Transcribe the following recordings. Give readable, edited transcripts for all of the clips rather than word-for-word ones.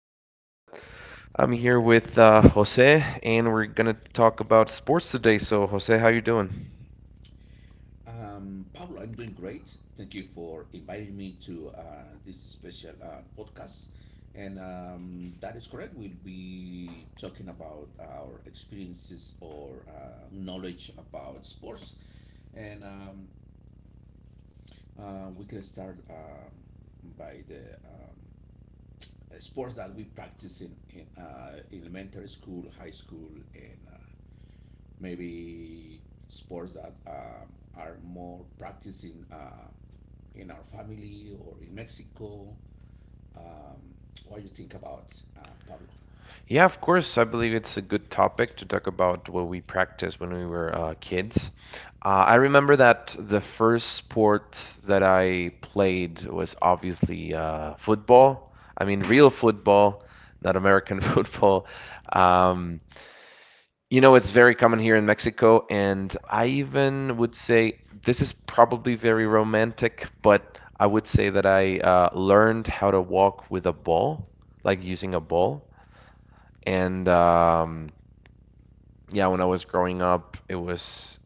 another pod. I'm here with Jose, and we're gonna talk about sports today. So, Jose, how you doing? Pablo, I'm doing great. Thank you for inviting me to this special podcast. And that is correct. We'll be talking about our experiences or knowledge about sports. And we can start by the sports that we practice in elementary school, high school, and maybe sports that are more practicing. In our family or in Mexico? Um, what do you think about Pablo? Yeah, of course. I believe it's a good topic to talk about what we practiced when we were kids. I remember that the first sport that I played was obviously football. I mean, real football, not American football. Um, You know, it's very common here in Mexico, and I even would say this is probably very romantic, but I would say that I learned how to walk with a ball, like using a ball. And yeah, when I was growing up, it was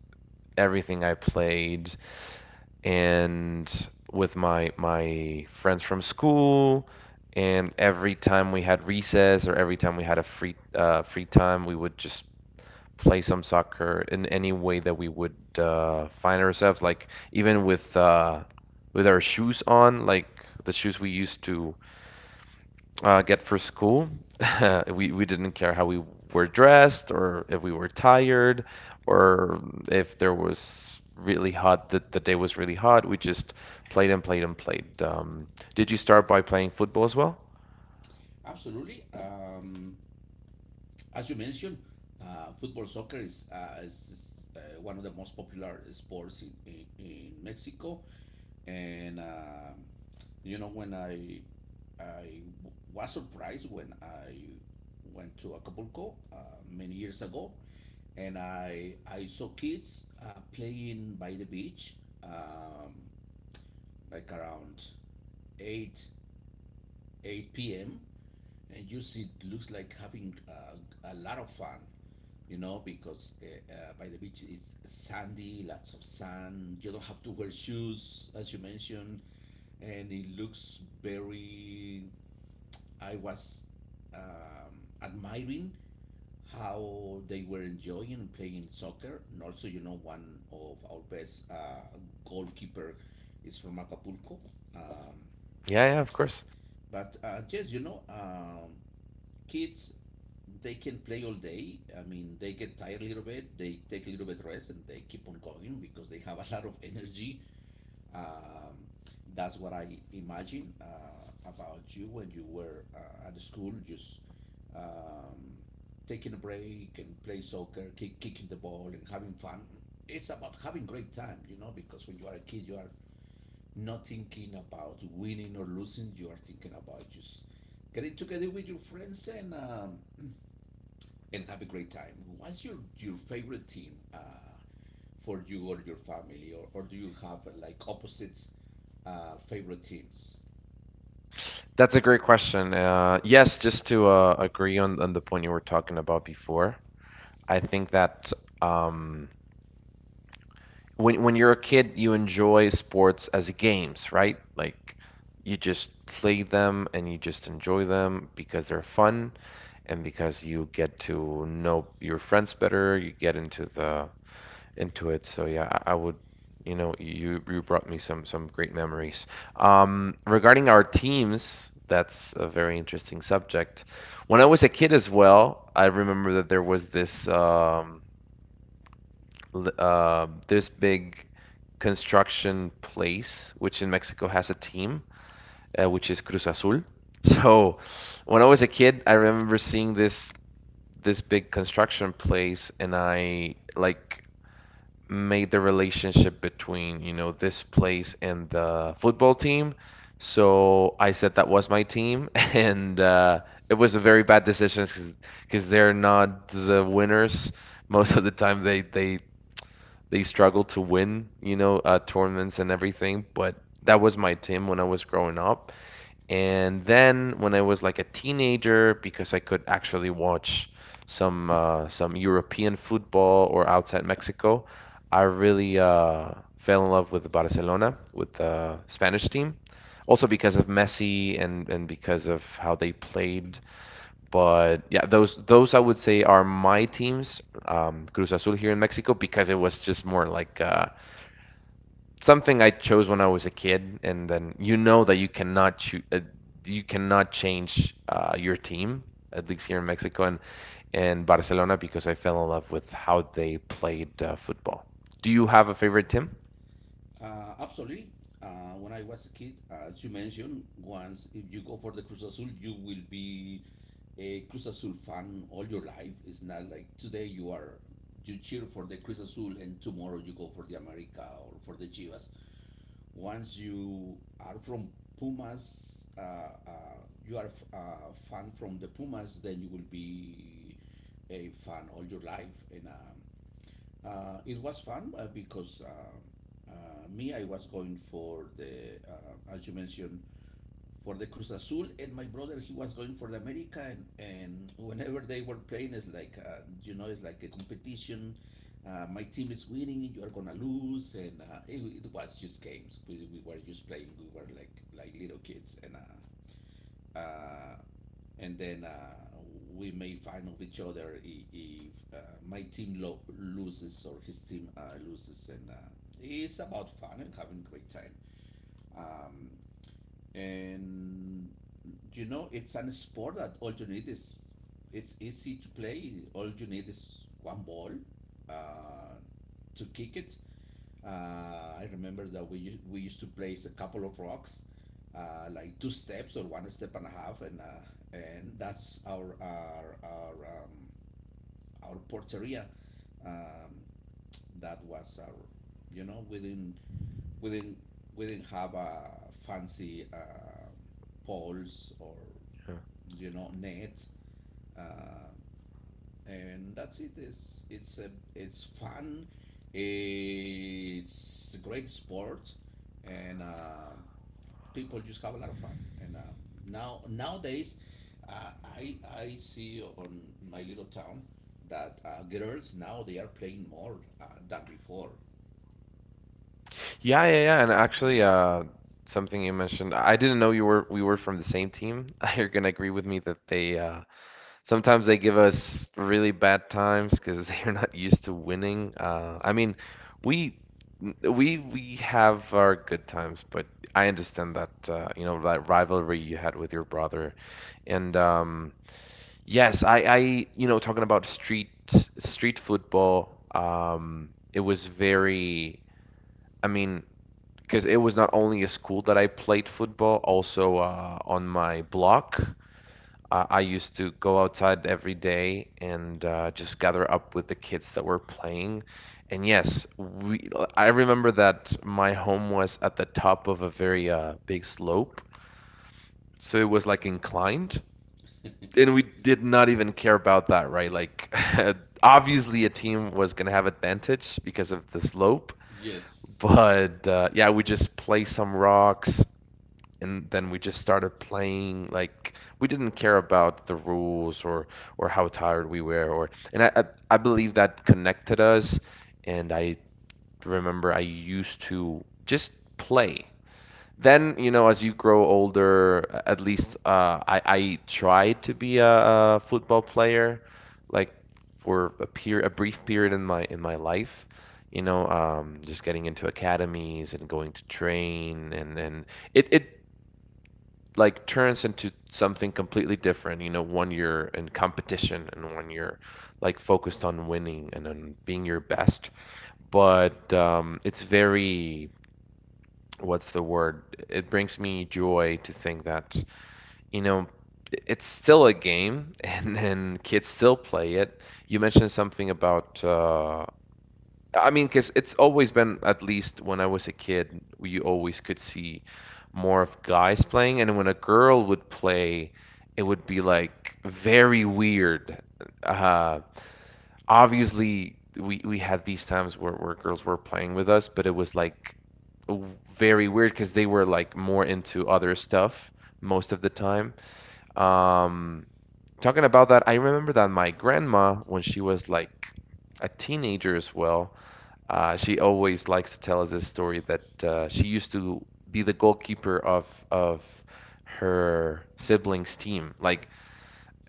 everything I played, and with my friends from school, and every time we had recess or every time we had a free free time, we would just play some soccer in any way that we would find ourselves, like even with our shoes on, like the shoes we used to get for school. We didn't care how we were dressed or if we were tired or if there was really hot, that the day was really hot. We just played and played and played. Did you start by playing football as well? Absolutely. As you mentioned, football soccer is one of the most popular sports in Mexico. And, um you know, when I was surprised when I went to Acapulco many years ago, and I saw kids playing by the beach, um, like around 8 8 p.m., and you see it looks like having a lot of fun because by the beach, it's sandy, lots of sand. You don't have to wear shoes, as you mentioned, and it looks very I was admiring how they were enjoying playing soccer. And also, one of our best goalkeeper is from Acapulco. um, Yeah, yeah, of course. but uh, yes, kids, they can play all day. I mean, they get tired a little bit, they take a little bit rest, and they keep on going because they have a lot of energy. Um, that's what I imagine about you when you were at school, just um, taking a break and play soccer, kicking the ball, and having fun. It's about having great time, you know, because when you are a kid, you are not thinking about winning or losing. You are thinking about just getting together with your friends, and have a great time. What's your favorite team for you or your family, or do you have like opposites favorite teams? That's a great question. Yes, just to agree on the point you were talking about before. I think that um, when you're a kid, you enjoy sports as games, right? Like you just play them and you just enjoy them because they're fun and because you get to know your friends better, you get into the into it. So yeah, I would, you know, you brought me some great memories. Regarding our teams, that's a very interesting subject. When I was a kid as well, I remember that there was this this big construction place, which in Mexico has a team, which is Cruz Azul. So when I was a kid, I remember seeing this big construction place, and I like made the relationship between, you know, this place and the football team. So I said that was my team, and it was a very bad decision because they're not the winners most of the time they struggled to win, you know, tournaments and everything. But that was my team when I was growing up. And then when I was like a teenager, because I could actually watch some European football or outside Mexico, I really fell in love with Barcelona, with the Spanish team. Also because of Messi and because of how they played but yeah, those I would say are my teams, Cruz Azul here in Mexico, because it was just more like something I chose when I was a kid, and then you know that you cannot choo- you cannot change your team, at least here in Mexico and Barcelona, because I fell in love with how they played football. Do you have a favorite team? Absolutely. When I was a kid, as you mentioned, once if you go for the Cruz Azul, you will be a Cruz Azul fan all your life. It's not like today you cheer for the Cruz Azul and tomorrow you go for the America or for the Chivas. Once you are from Pumas, you are a fan from the Pumas, then you will be a fan all your life. And it was fun because me, I was going for as you mentioned, for the Cruz Azul, and my brother he was going for the America, and whenever they were playing, it's like, it's like a competition. My team is winning, you are gonna lose, and it was just games. We were just playing. We were like little kids, uh, and then we made fun of each other if my team loses or his team loses, and it's about fun and having a great time. Um, and you know It's an sport that all you need is it's easy to play. All you need is one ball uh, to kick it. Uh, I remember that we used to place a couple of rocks, like two steps or one step and a half, and and that's our porteria. Um, that was our, within we didn't we didn't have a fancy poles or Yeah, net. Uh, and That's it. It's fun. It's a great sport, and people just have a lot of fun. And now Nowadays, I see on my little town that girls now they are playing more than before. yeah, yeah, yeah. And actually, something you mentioned, I didn't know you were we were from the same team. You're gonna agree with me that they sometimes they give us really bad times because they're not used to winning. I mean, we we have our good times, but I understand that you know that rivalry you had with your brother, and yes, I you know talking about street football, it was very. I mean, because it was not only a school that I played football, also on my block. I used to go outside every day and just gather up with the kids that were playing. And yes, I remember that my home was at the top of a very big slope, so it was like inclined. And we did not even care about that, right? Like, obviously, a team was gonna have advantage because of the slope, Yes. but yeah, we just play some rocks, and then we just started playing like we didn't care about the rules or how tired we were or and I believe that connected us and I remember I used to just play. Then, you know, as you grow older, at least I tried to be a football player, like for a period, a brief period in my life. You know, just getting into academies and going to train, and it like turns into something completely different. You know, one year in competition and one year like focused on winning and on being your best. But it's very, what's the word? It brings me joy to think that, you know, it's still a game and kids still play it. You mentioned something about I mean, because it's always been, at least when I was a kid, we always could see more of guys playing, and when a girl would play, it would be like very weird. Uh, obviously, we had these times where girls were playing with us, but it was like very weird because they were like more into other stuff most of the time. Um, talking about that, I remember that my grandma, when she was like a teenager as well, she always likes to tell us this story that she used to be the goalkeeper of her siblings' team. Like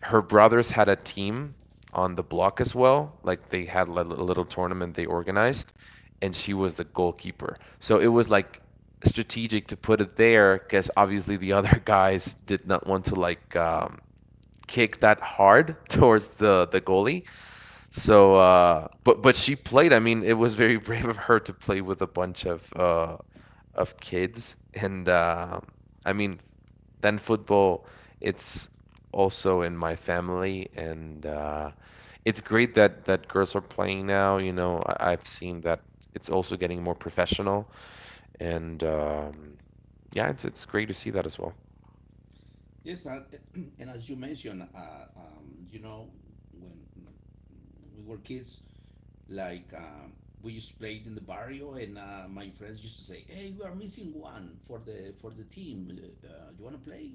her brothers had a team on the block as well. Like they had a little tournament they organized, and she was the goalkeeper. So it was like strategic to put it there because obviously the other guys did not want to like kick that hard towards the goalie. So, but she played. I mean, it was very brave of her to play with a bunch of kids. And I mean, then football, it's also in my family, and it's great that girls are playing now. You know, I've seen that it's also getting more professional, and yeah, it's great to see that as well. Yes, and as you mentioned, when we were kids, like we used to play it in the barrio, and my friends used to say, "Hey, we are missing one for the team. You want to play?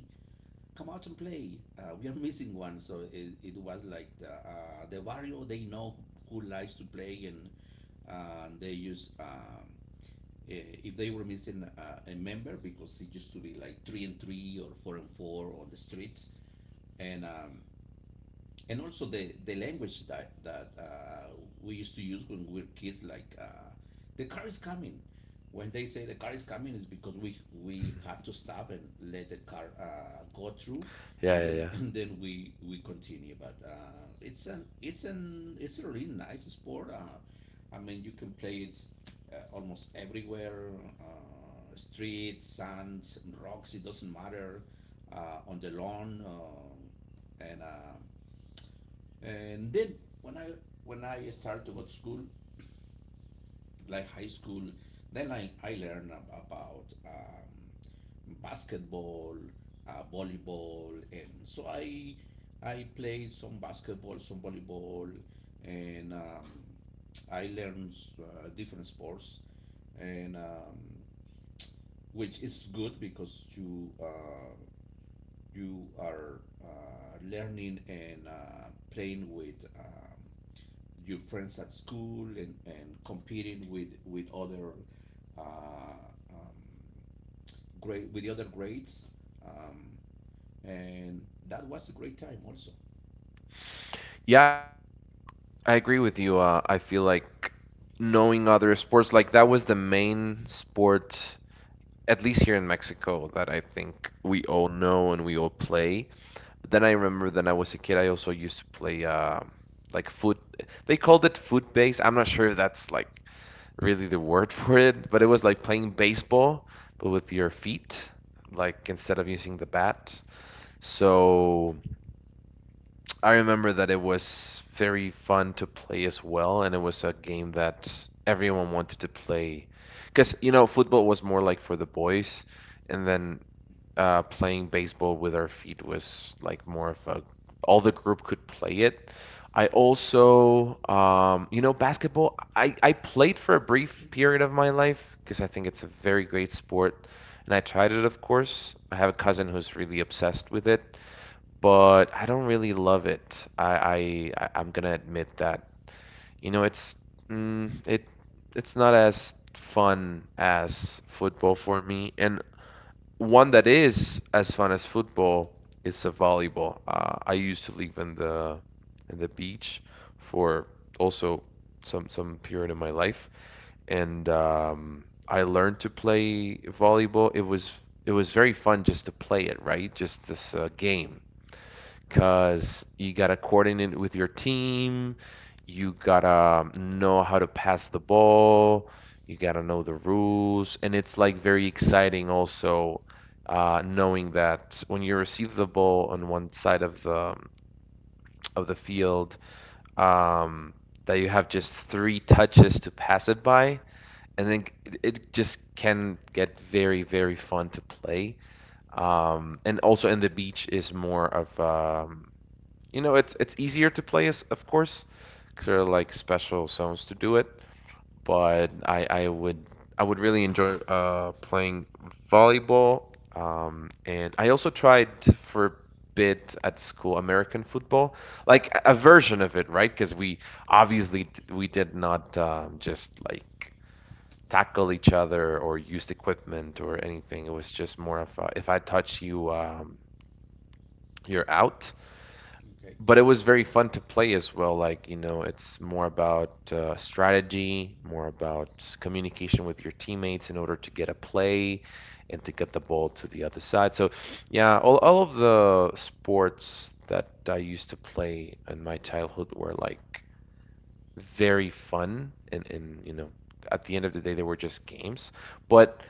Come out and play. We are missing one." So it was like the barrio. They know who likes to play, and they use. If they were missing a member because it used to be like three and three or four and four on the streets, and um, and also the language that we used to use when we were kids, like the car is coming. When they say the car is coming, is because we had to stop and let the car go through, Yeah, and yeah, then yeah. and then we continue. But it's a really nice sport. I mean, you can play it almost everywhere. Uh, street, sand, rocks. It doesn't matter. On the lawn, and then when I when I started to go to school, like high school, then I learned about basketball, volleyball, and so I played some basketball, some volleyball, and I learned different sports, and which is good because you are learning and playing with your friends at school, and competing with other uh, um, grade with the other grades, um, and that was a great time also. Yeah, I agree with you. I feel like knowing other sports, like that was the main sport at least here in Mexico, that I think we all know and we all play. But then I remember that I was a kid, I also used to play like foot. They called it foot base. I'm not sure if that's like really the word for it, but it was like playing baseball, but with your feet, like instead of using the bat. So I remember that it was very fun to play as well, and it was a game that everyone wanted to play. Because, you know, football was more like for the boys and then playing baseball with our feet was like more of a all the group could play it. I also, you know, basketball, I played for a brief period of my life because I think it's a very great sport. And I tried it, of course. I have a cousin who's really obsessed with it, but I don't really love it. I'm gonna admit that. You know, mm, it, it's not as fun as football for me. And one that is as fun as football is a volleyball. I used to live in the beach for also some period of my life, and I learned to play volleyball. It was very fun just to play it, right? Just this game because you gotta coordinate with your team, you gotta know how to pass the ball, you gotta know the rules, and it's like very exciting also knowing that when you receive the ball on one side of the field, um, that you have just three touches to pass it by, and then it just can get very, very fun to play. And also, in the beach is more of you know, it's easier to play as, of course, because there are like special zones to do it. But I would really enjoy playing volleyball. And I also tried for a bit at school American football, like a version of it, right? Because we did not just like tackle each other or used equipment or anything. It was just more of a, if I touch you, you're out Okay. but it was very fun to play as well. Like, you know, it's more about strategy, more about communication with your teammates in order to get a play and to get the ball to the other side. So, yeah, all of the sports that I used to play in my childhood were like very fun and at the end of the day they were just games. But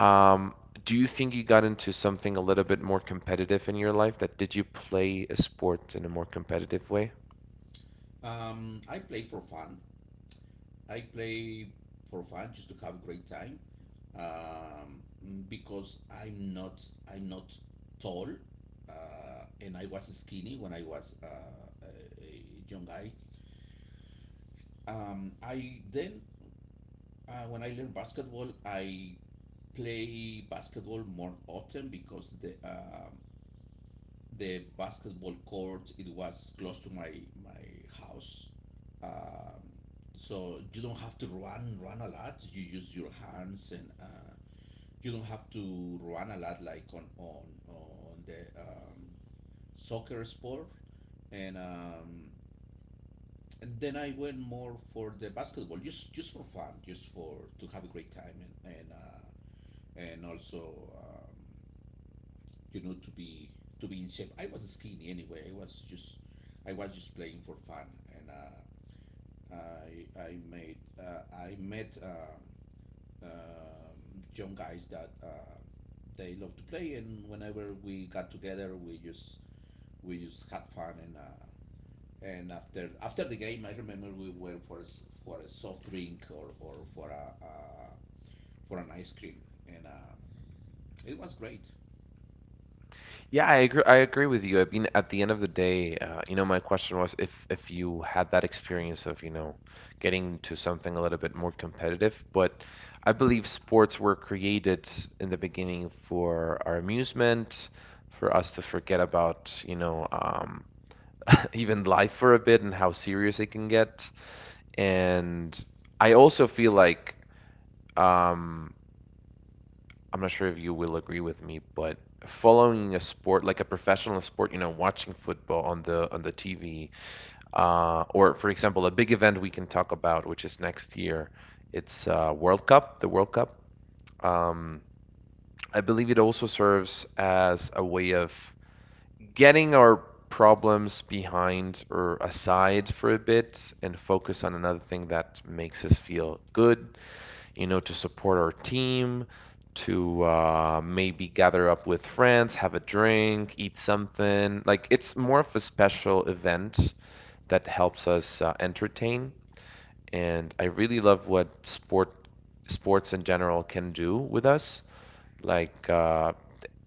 um, do you think you got into something a little bit more competitive in your life? That Did you play a sport in a more competitive way? I play for fun. I play just to have a great time, um, because I'm not tall, and I was skinny when I was a young guy. Um, I then Uh, when I learn basketball, I play basketball more often because the basketball court, it was close to my house. Um, so you don't have to run a lot. You use your hands, and you don't have to run a lot like on the soccer sport. And um, and then I went more for the basketball, just for fun, just for to have a great time. And also, to be in shape. I was skinny anyway. I was just playing for fun, and I met young guys that they love to play, and whenever we got together, we just had fun. And after the game, I remember we went for for a soft drink, or for a for an ice cream, and it was great. Yeah, I agree. I agree with you. I mean, at the end of the day, my question was if you had that experience of, getting to something a little bit more competitive, but I believe sports were created in the beginning for our amusement, for us to forget about, even life for a bit and how serious it can get. And I also feel like um, I'm not sure if you will agree with me, but following a sport like a professional sport, watching football on the TV, or for example, a big event we can talk about, which is next year, it's World Cup, the World Cup. Um, I believe it also serves as a way of getting our problems behind or aside for a bit and focus on another thing that makes us feel good, to support our team, to maybe gather up with friends, have a drink, eat something. Like it's more of a special event that helps us entertain. And I really love what sports in general can do with us. Like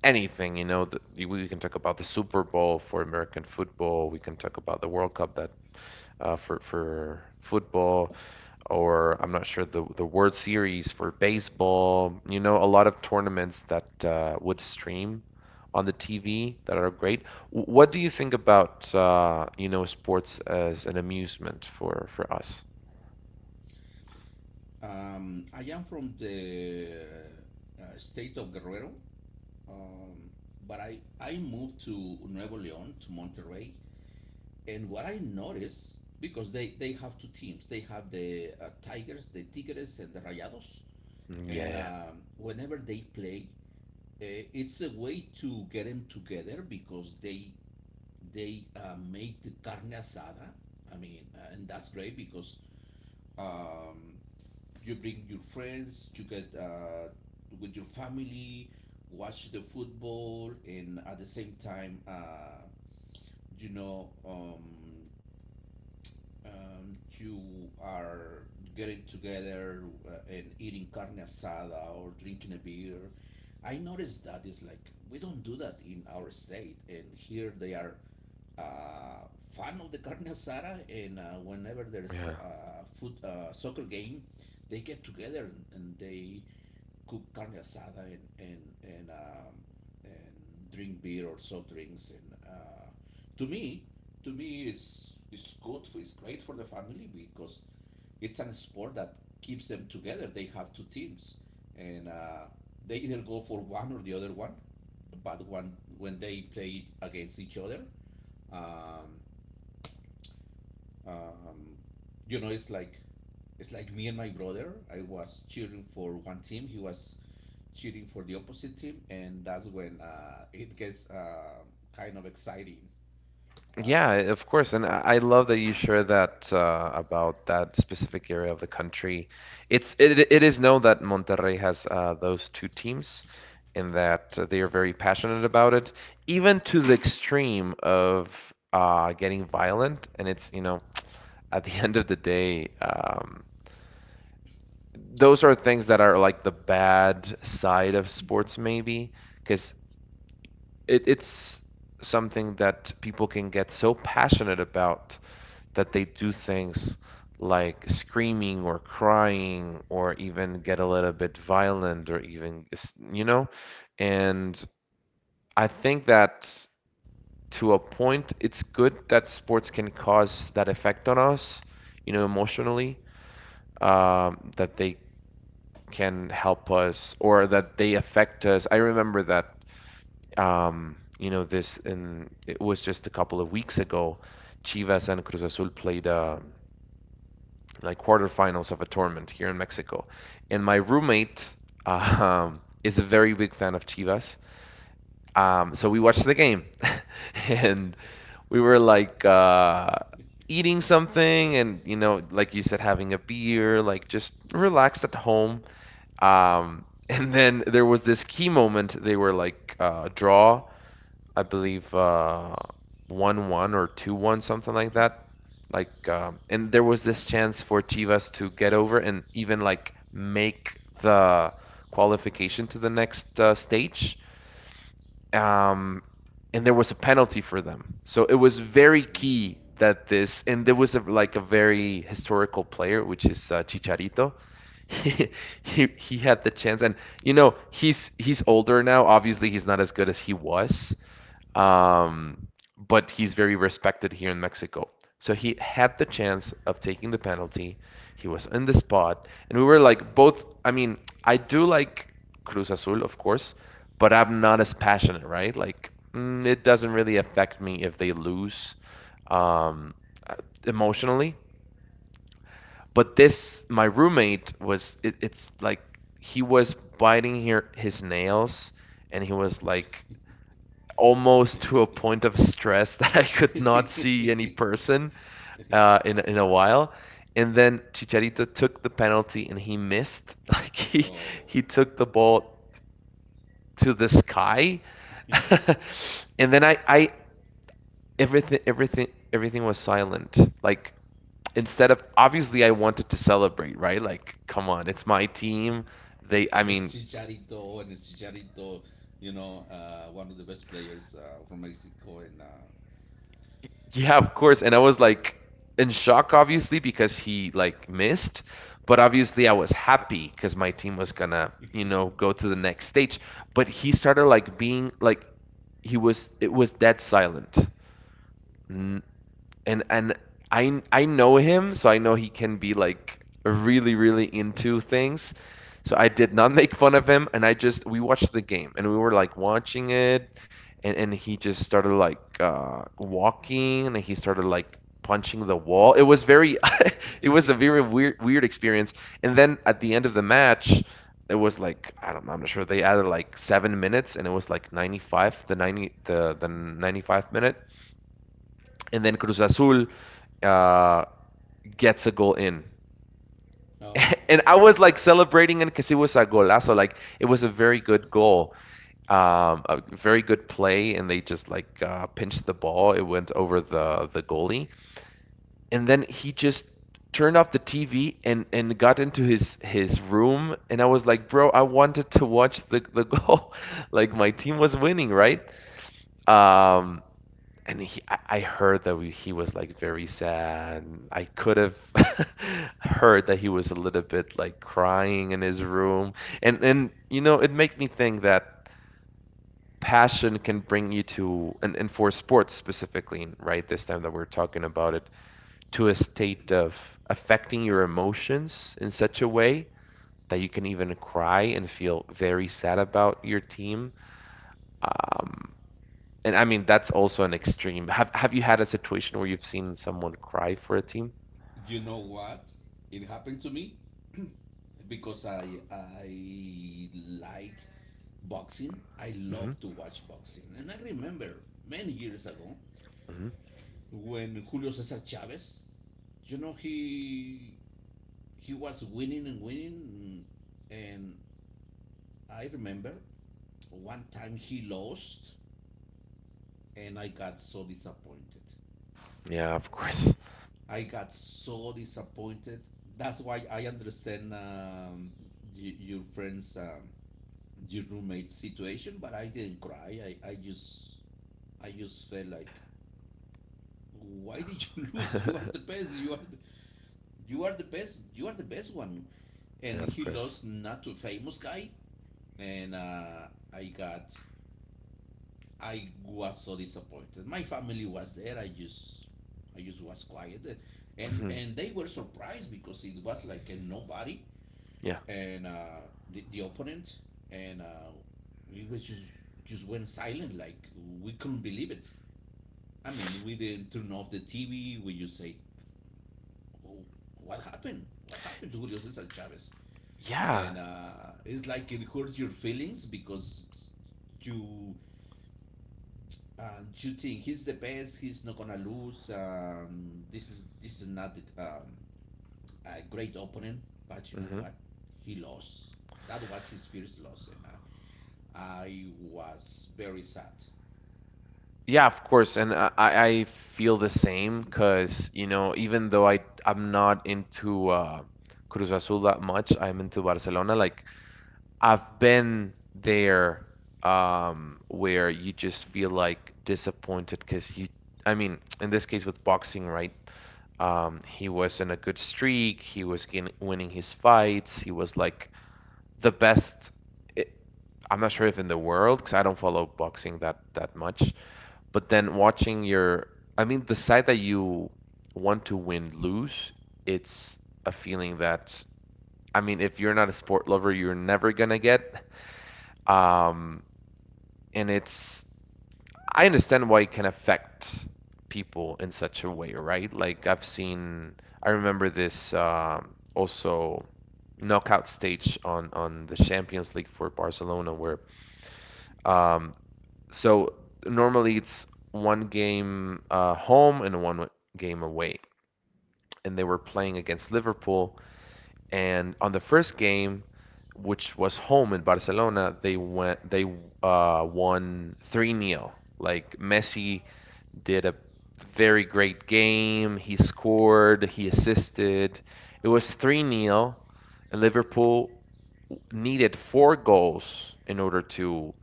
anything, we can talk about the Super Bowl for American football. We can talk about the World Cup that for football, or I'm not sure the World Series for baseball. You know, a lot of tournaments that would stream on the TV that are great. What do you think about sports as an amusement for us? I am from the state of Guerrero, um, but I moved to Nuevo León, to Monterrey. And what I noticed, because they have two teams, they have the Tigers, the Tigres, and the Rayados. And Yeah, whenever they play, it's a way to get them together because they make the carne asada. I mean, and that's great because um, you bring your friends, you get with your family, watch the football, and at the same time, you know, um, you are getting together and eating carne asada or drinking a beer. I noticed that is like we don't do that in our state, and here they are fan of the carne asada, and whenever yeah, there's yeah. a foot soccer game, they get together, and they cook carne asada, and drink beer or soft drinks. And uh, to me To me, is good it's great for the family because it's an sport that keeps them together. They have two teams, and they either go for one or the other one. But when they play against each other, um, um, you know it's like it's like me and my brother. I was cheering for one team, he was cheering for the opposite team, and that's when it gets kind of exciting. Yeah, Uh, of course. And I love that you share that about that specific area of the country. It is known that Monterrey has those two teams and that they are very passionate about it, even to the extreme of getting violent. And at the end of the day, those are things that are like the bad side of sports, maybe, because it's something that people can get so passionate about that they do things like screaming or crying or even get a little bit violent or even, you know? And I think that to a point, it's good that sports can cause that effect on us, emotionally, that they can help us or that they affect us. I remember that, and it was just a couple of weeks ago, Chivas and Cruz Azul played a like quarterfinals of a tournament here in Mexico. And my roommate is a very big fan of Chivas. So we watched the game and we were like eating something and, like you said, having a beer, like just relaxed at home. And then there was this key moment. They were like draw, I believe 1-1 or 2-1, something like that. Like and there was this chance for Chivas to get over and even like make the qualification to the next stage. Um, and there was a penalty for them. So it was very Mm. key that this, and there was like a very historical player, which is Chicharito. He, he had the chance, and he's older now. Obviously, he's not as good as he was, um, but he's very respected here in Mexico. So he had the chance of taking the penalty. He was in the spot, and we were like both. I mean, I do like Cruz Azul, of course, but I'm not as passionate, right? Like, it doesn't really affect me if they lose, um, uh, emotionally. But this, my roommate was. It's like he was biting here his nails, and he was like almost to a point of stress that I could not see any person in a while. And then Chicharito took the penalty and he missed. Like he Oh. took the ball to the sky. And then I everything everything everything was silent. Like instead of obviously I wanted to celebrate, right? Like come on, it's my team. They I And mean. it's Chicharito, one of the best players from Mexico. And Yeah, of course. And I was like in shock, obviously, because he like missed. But obviously, I was happy because my team was gonna, go to the next stage. But he started like being like it was dead silent, and I know him, so I know he can be like really really into things. So I did not make fun of him, and I just we watched the game, and we were like watching it, and he just started like walking, and he started like punching the wall. It was a very weird experience. And then at the end of the match, it was like I don't know, I'm not sure. They added like 7 minutes, and it was like 95, the 90, the 95 minute, and then Cruz Azul uh, gets a goal in. Oh, And I was like celebrating it because it was a golazo. Like it was a very good goal, a very good play, and they just like pinched the ball. It went over the goalie, and then he just turned off the TV and got into his room. And I was like, bro, I wanted to watch the goal. Like my team was winning, right? Um, I heard he was like very sad. I could have heard that he was a little bit like crying in his room, and it made me think that passion can bring you to, and, for sports specifically, right? This time that we're talking about it, to a state of affecting your emotions in such a way that you can even cry and feel very sad about your team. Um, And I mean, that's also an extreme. Have you had a situation where you've seen someone cry for a team? you know what? It happened to me because I like boxing. I Hmm. love to watch boxing, and I remember many years ago Hmm. when Julio Cesar Chavez, you know, he he was winning and winning, and I remember one time he lost, and I got so disappointed. Yeah, of course. I got so disappointed. That's why I understand your friend's your roommate's situation, but I didn't cry. I just felt like, why did you lose? You are the best. You are the best one, Yeah, and of he course. lost, not too famous guy, and I got I was so disappointed. My family was there. I just was quiet, Hmm. and they were surprised because it was like a nobody, Yeah. and uh, the opponent, and we was just, went silent. Like we couldn't believe it. I mean, we didn't turn off the TV. We just say, "Oh, What happened to Julio Cesar Chavez?" Yeah. and It's like it hurts your feelings because you you think he's the best, he's not gonna lose. This is not a great opponent, but you know Hmm. what? He lost. That was his first loss, and I, I was very sad. Yeah, of course. And I feel the same because, even though I'm not into Cruz Azul that much, I'm into Barcelona. Like I've been there where you just feel like disappointed because I mean, in this case with boxing, right? He was in a good streak. He was gain winning his fights. He was like the best. It, I'm not sure if in the world because I don't follow boxing that much. But then watching I mean, the side that you want to win lose, it's a feeling that, I mean, if you're not a sport lover, you're never gonna get. Um, and I understand why it can affect people in such a way, right? Like I remember this also knockout stage on the Champions League for Barcelona, where um, so normally it's one game home and one game away, and they were playing against Liverpool. And on the first game, which was home in Barcelona, they won 3 nil. Like Messi did a very great game. He scored, he assisted. It was 3 nil, and Liverpool needed four goals in order to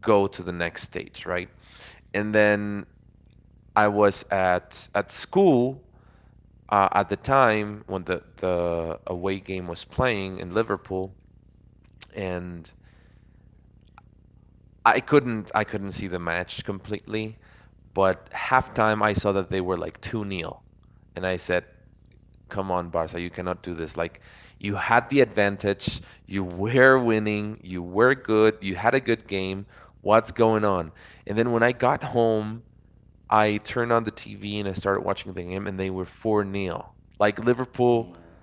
go to the next stage, right? And then I was at school at the time when the away game was playing in Liverpool, and I couldn't see the match completely, but halftime I saw that they were like 2 nil, and I said, "Come on, Barca, you cannot do this. Like you had the advantage, you were winning, you were good, you had a good game. What's going on?" And then when I got home, I turned on the TV and I started watching the game and they were 4 nil. Like Liverpool Oh.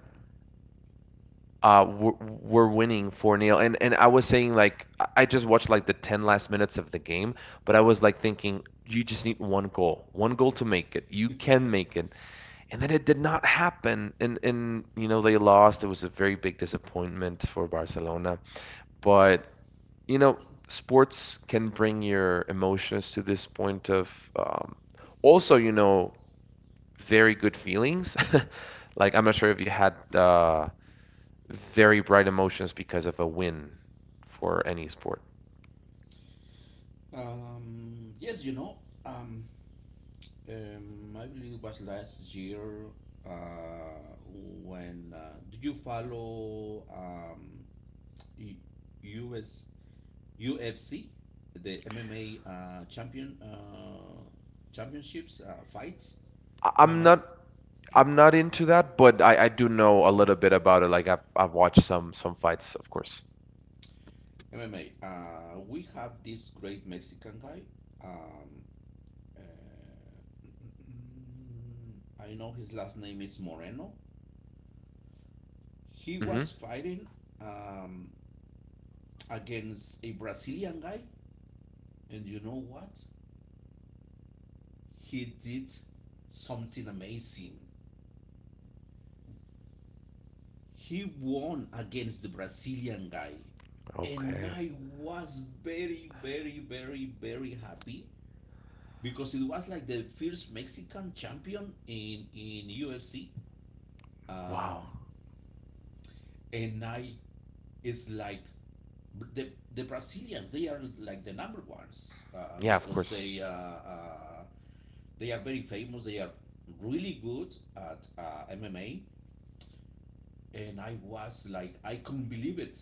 were winning 4 nil. And I was saying like I just watched like the 10 last minutes of the game, but I was like thinking, you just need one goal to make it. You can make it. And then it did not happen. And they lost. It was a very big disappointment for Barcelona. But you know sports can bring your emotions to this point of um, also, very good feelings. Like I'm not sure if you had very bright emotions because of a win for any sport. Yes, you know, um, I believe it was last year, uh, when did you follow U- US UFC, the MMA championships fights? I- I'm MMA not I'm not into that, but I do know a little bit about it. Like I've watched some fights, of course. MMA. We have this great Mexican guy. Um, uh, I know his last name is Moreno. He was Hmm. fighting um, against a Brazilian guy. And you know what? He did something amazing. He won against the Brazilian guy. And Okay. I was very, very, very, very happy because it was like the first Mexican champion in UFC. Wow. Um, and I is like the, the Brazilians, they are like the number ones, Yeah, of because course. They are very famous, they are really good at MMA, and I was like, I couldn't believe it.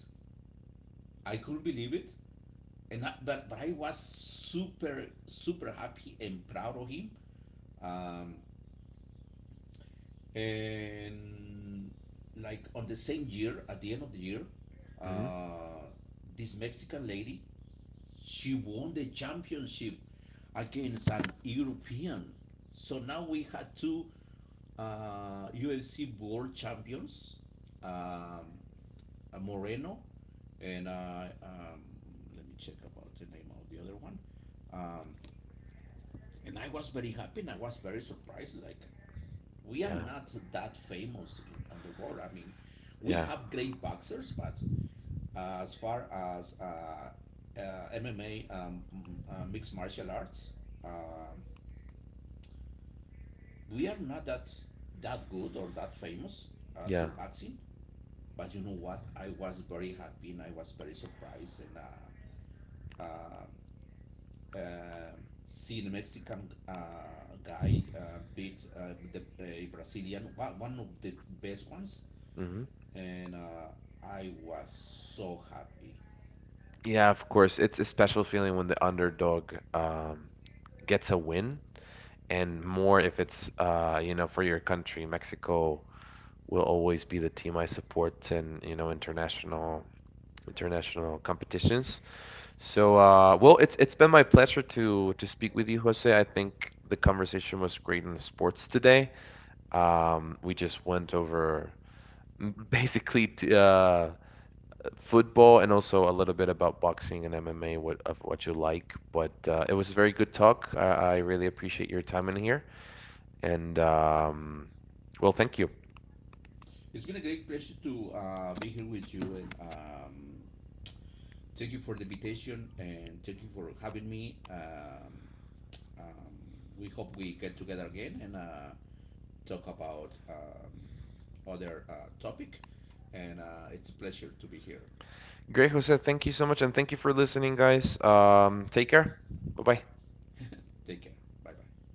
I couldn't believe it. And I, but I was super super happy and proud of him. Um, and like on the same year, at the end of the year, Hmm. uh, this Mexican lady, she won the championship against an European. So now we had two UFC world champions. Um, Moreno, and let me check about the name of the other one. Um, and I was very happy, and I was very surprised. Like we are Yeah. not that famous on the world. I mean, we Yeah. have great boxers, but as far as MMA, mixed martial arts, um, we are not that good or that famous as in Yeah. boxing. But you know what? I was very happy and I was very surprised, and uh, seen a Mexican guy beat a Brazilian, one of the best ones, Hmm. and I was so happy. Yeah, of course. It's a special feeling when the underdog gets a win, and more if it's for your country. Mexico will always be the team I support in, international competitions. So, well, it's been my pleasure to speak with you, Jose. I think the conversation was great in sports today. We just went over basically t football and also a little bit about boxing and MMA, what you like. But it was a very good talk. I really appreciate your time in here, and well, thank you. It's been a great pleasure to be here with you, and thank you for the invitation, and thank you for having me. Um, we hope we get together again and talk about other topic, and it's a pleasure to be here. Great, Jose. Thank you so much, and thank you for listening, guys. Take care. Bye bye. Take care. Bye bye.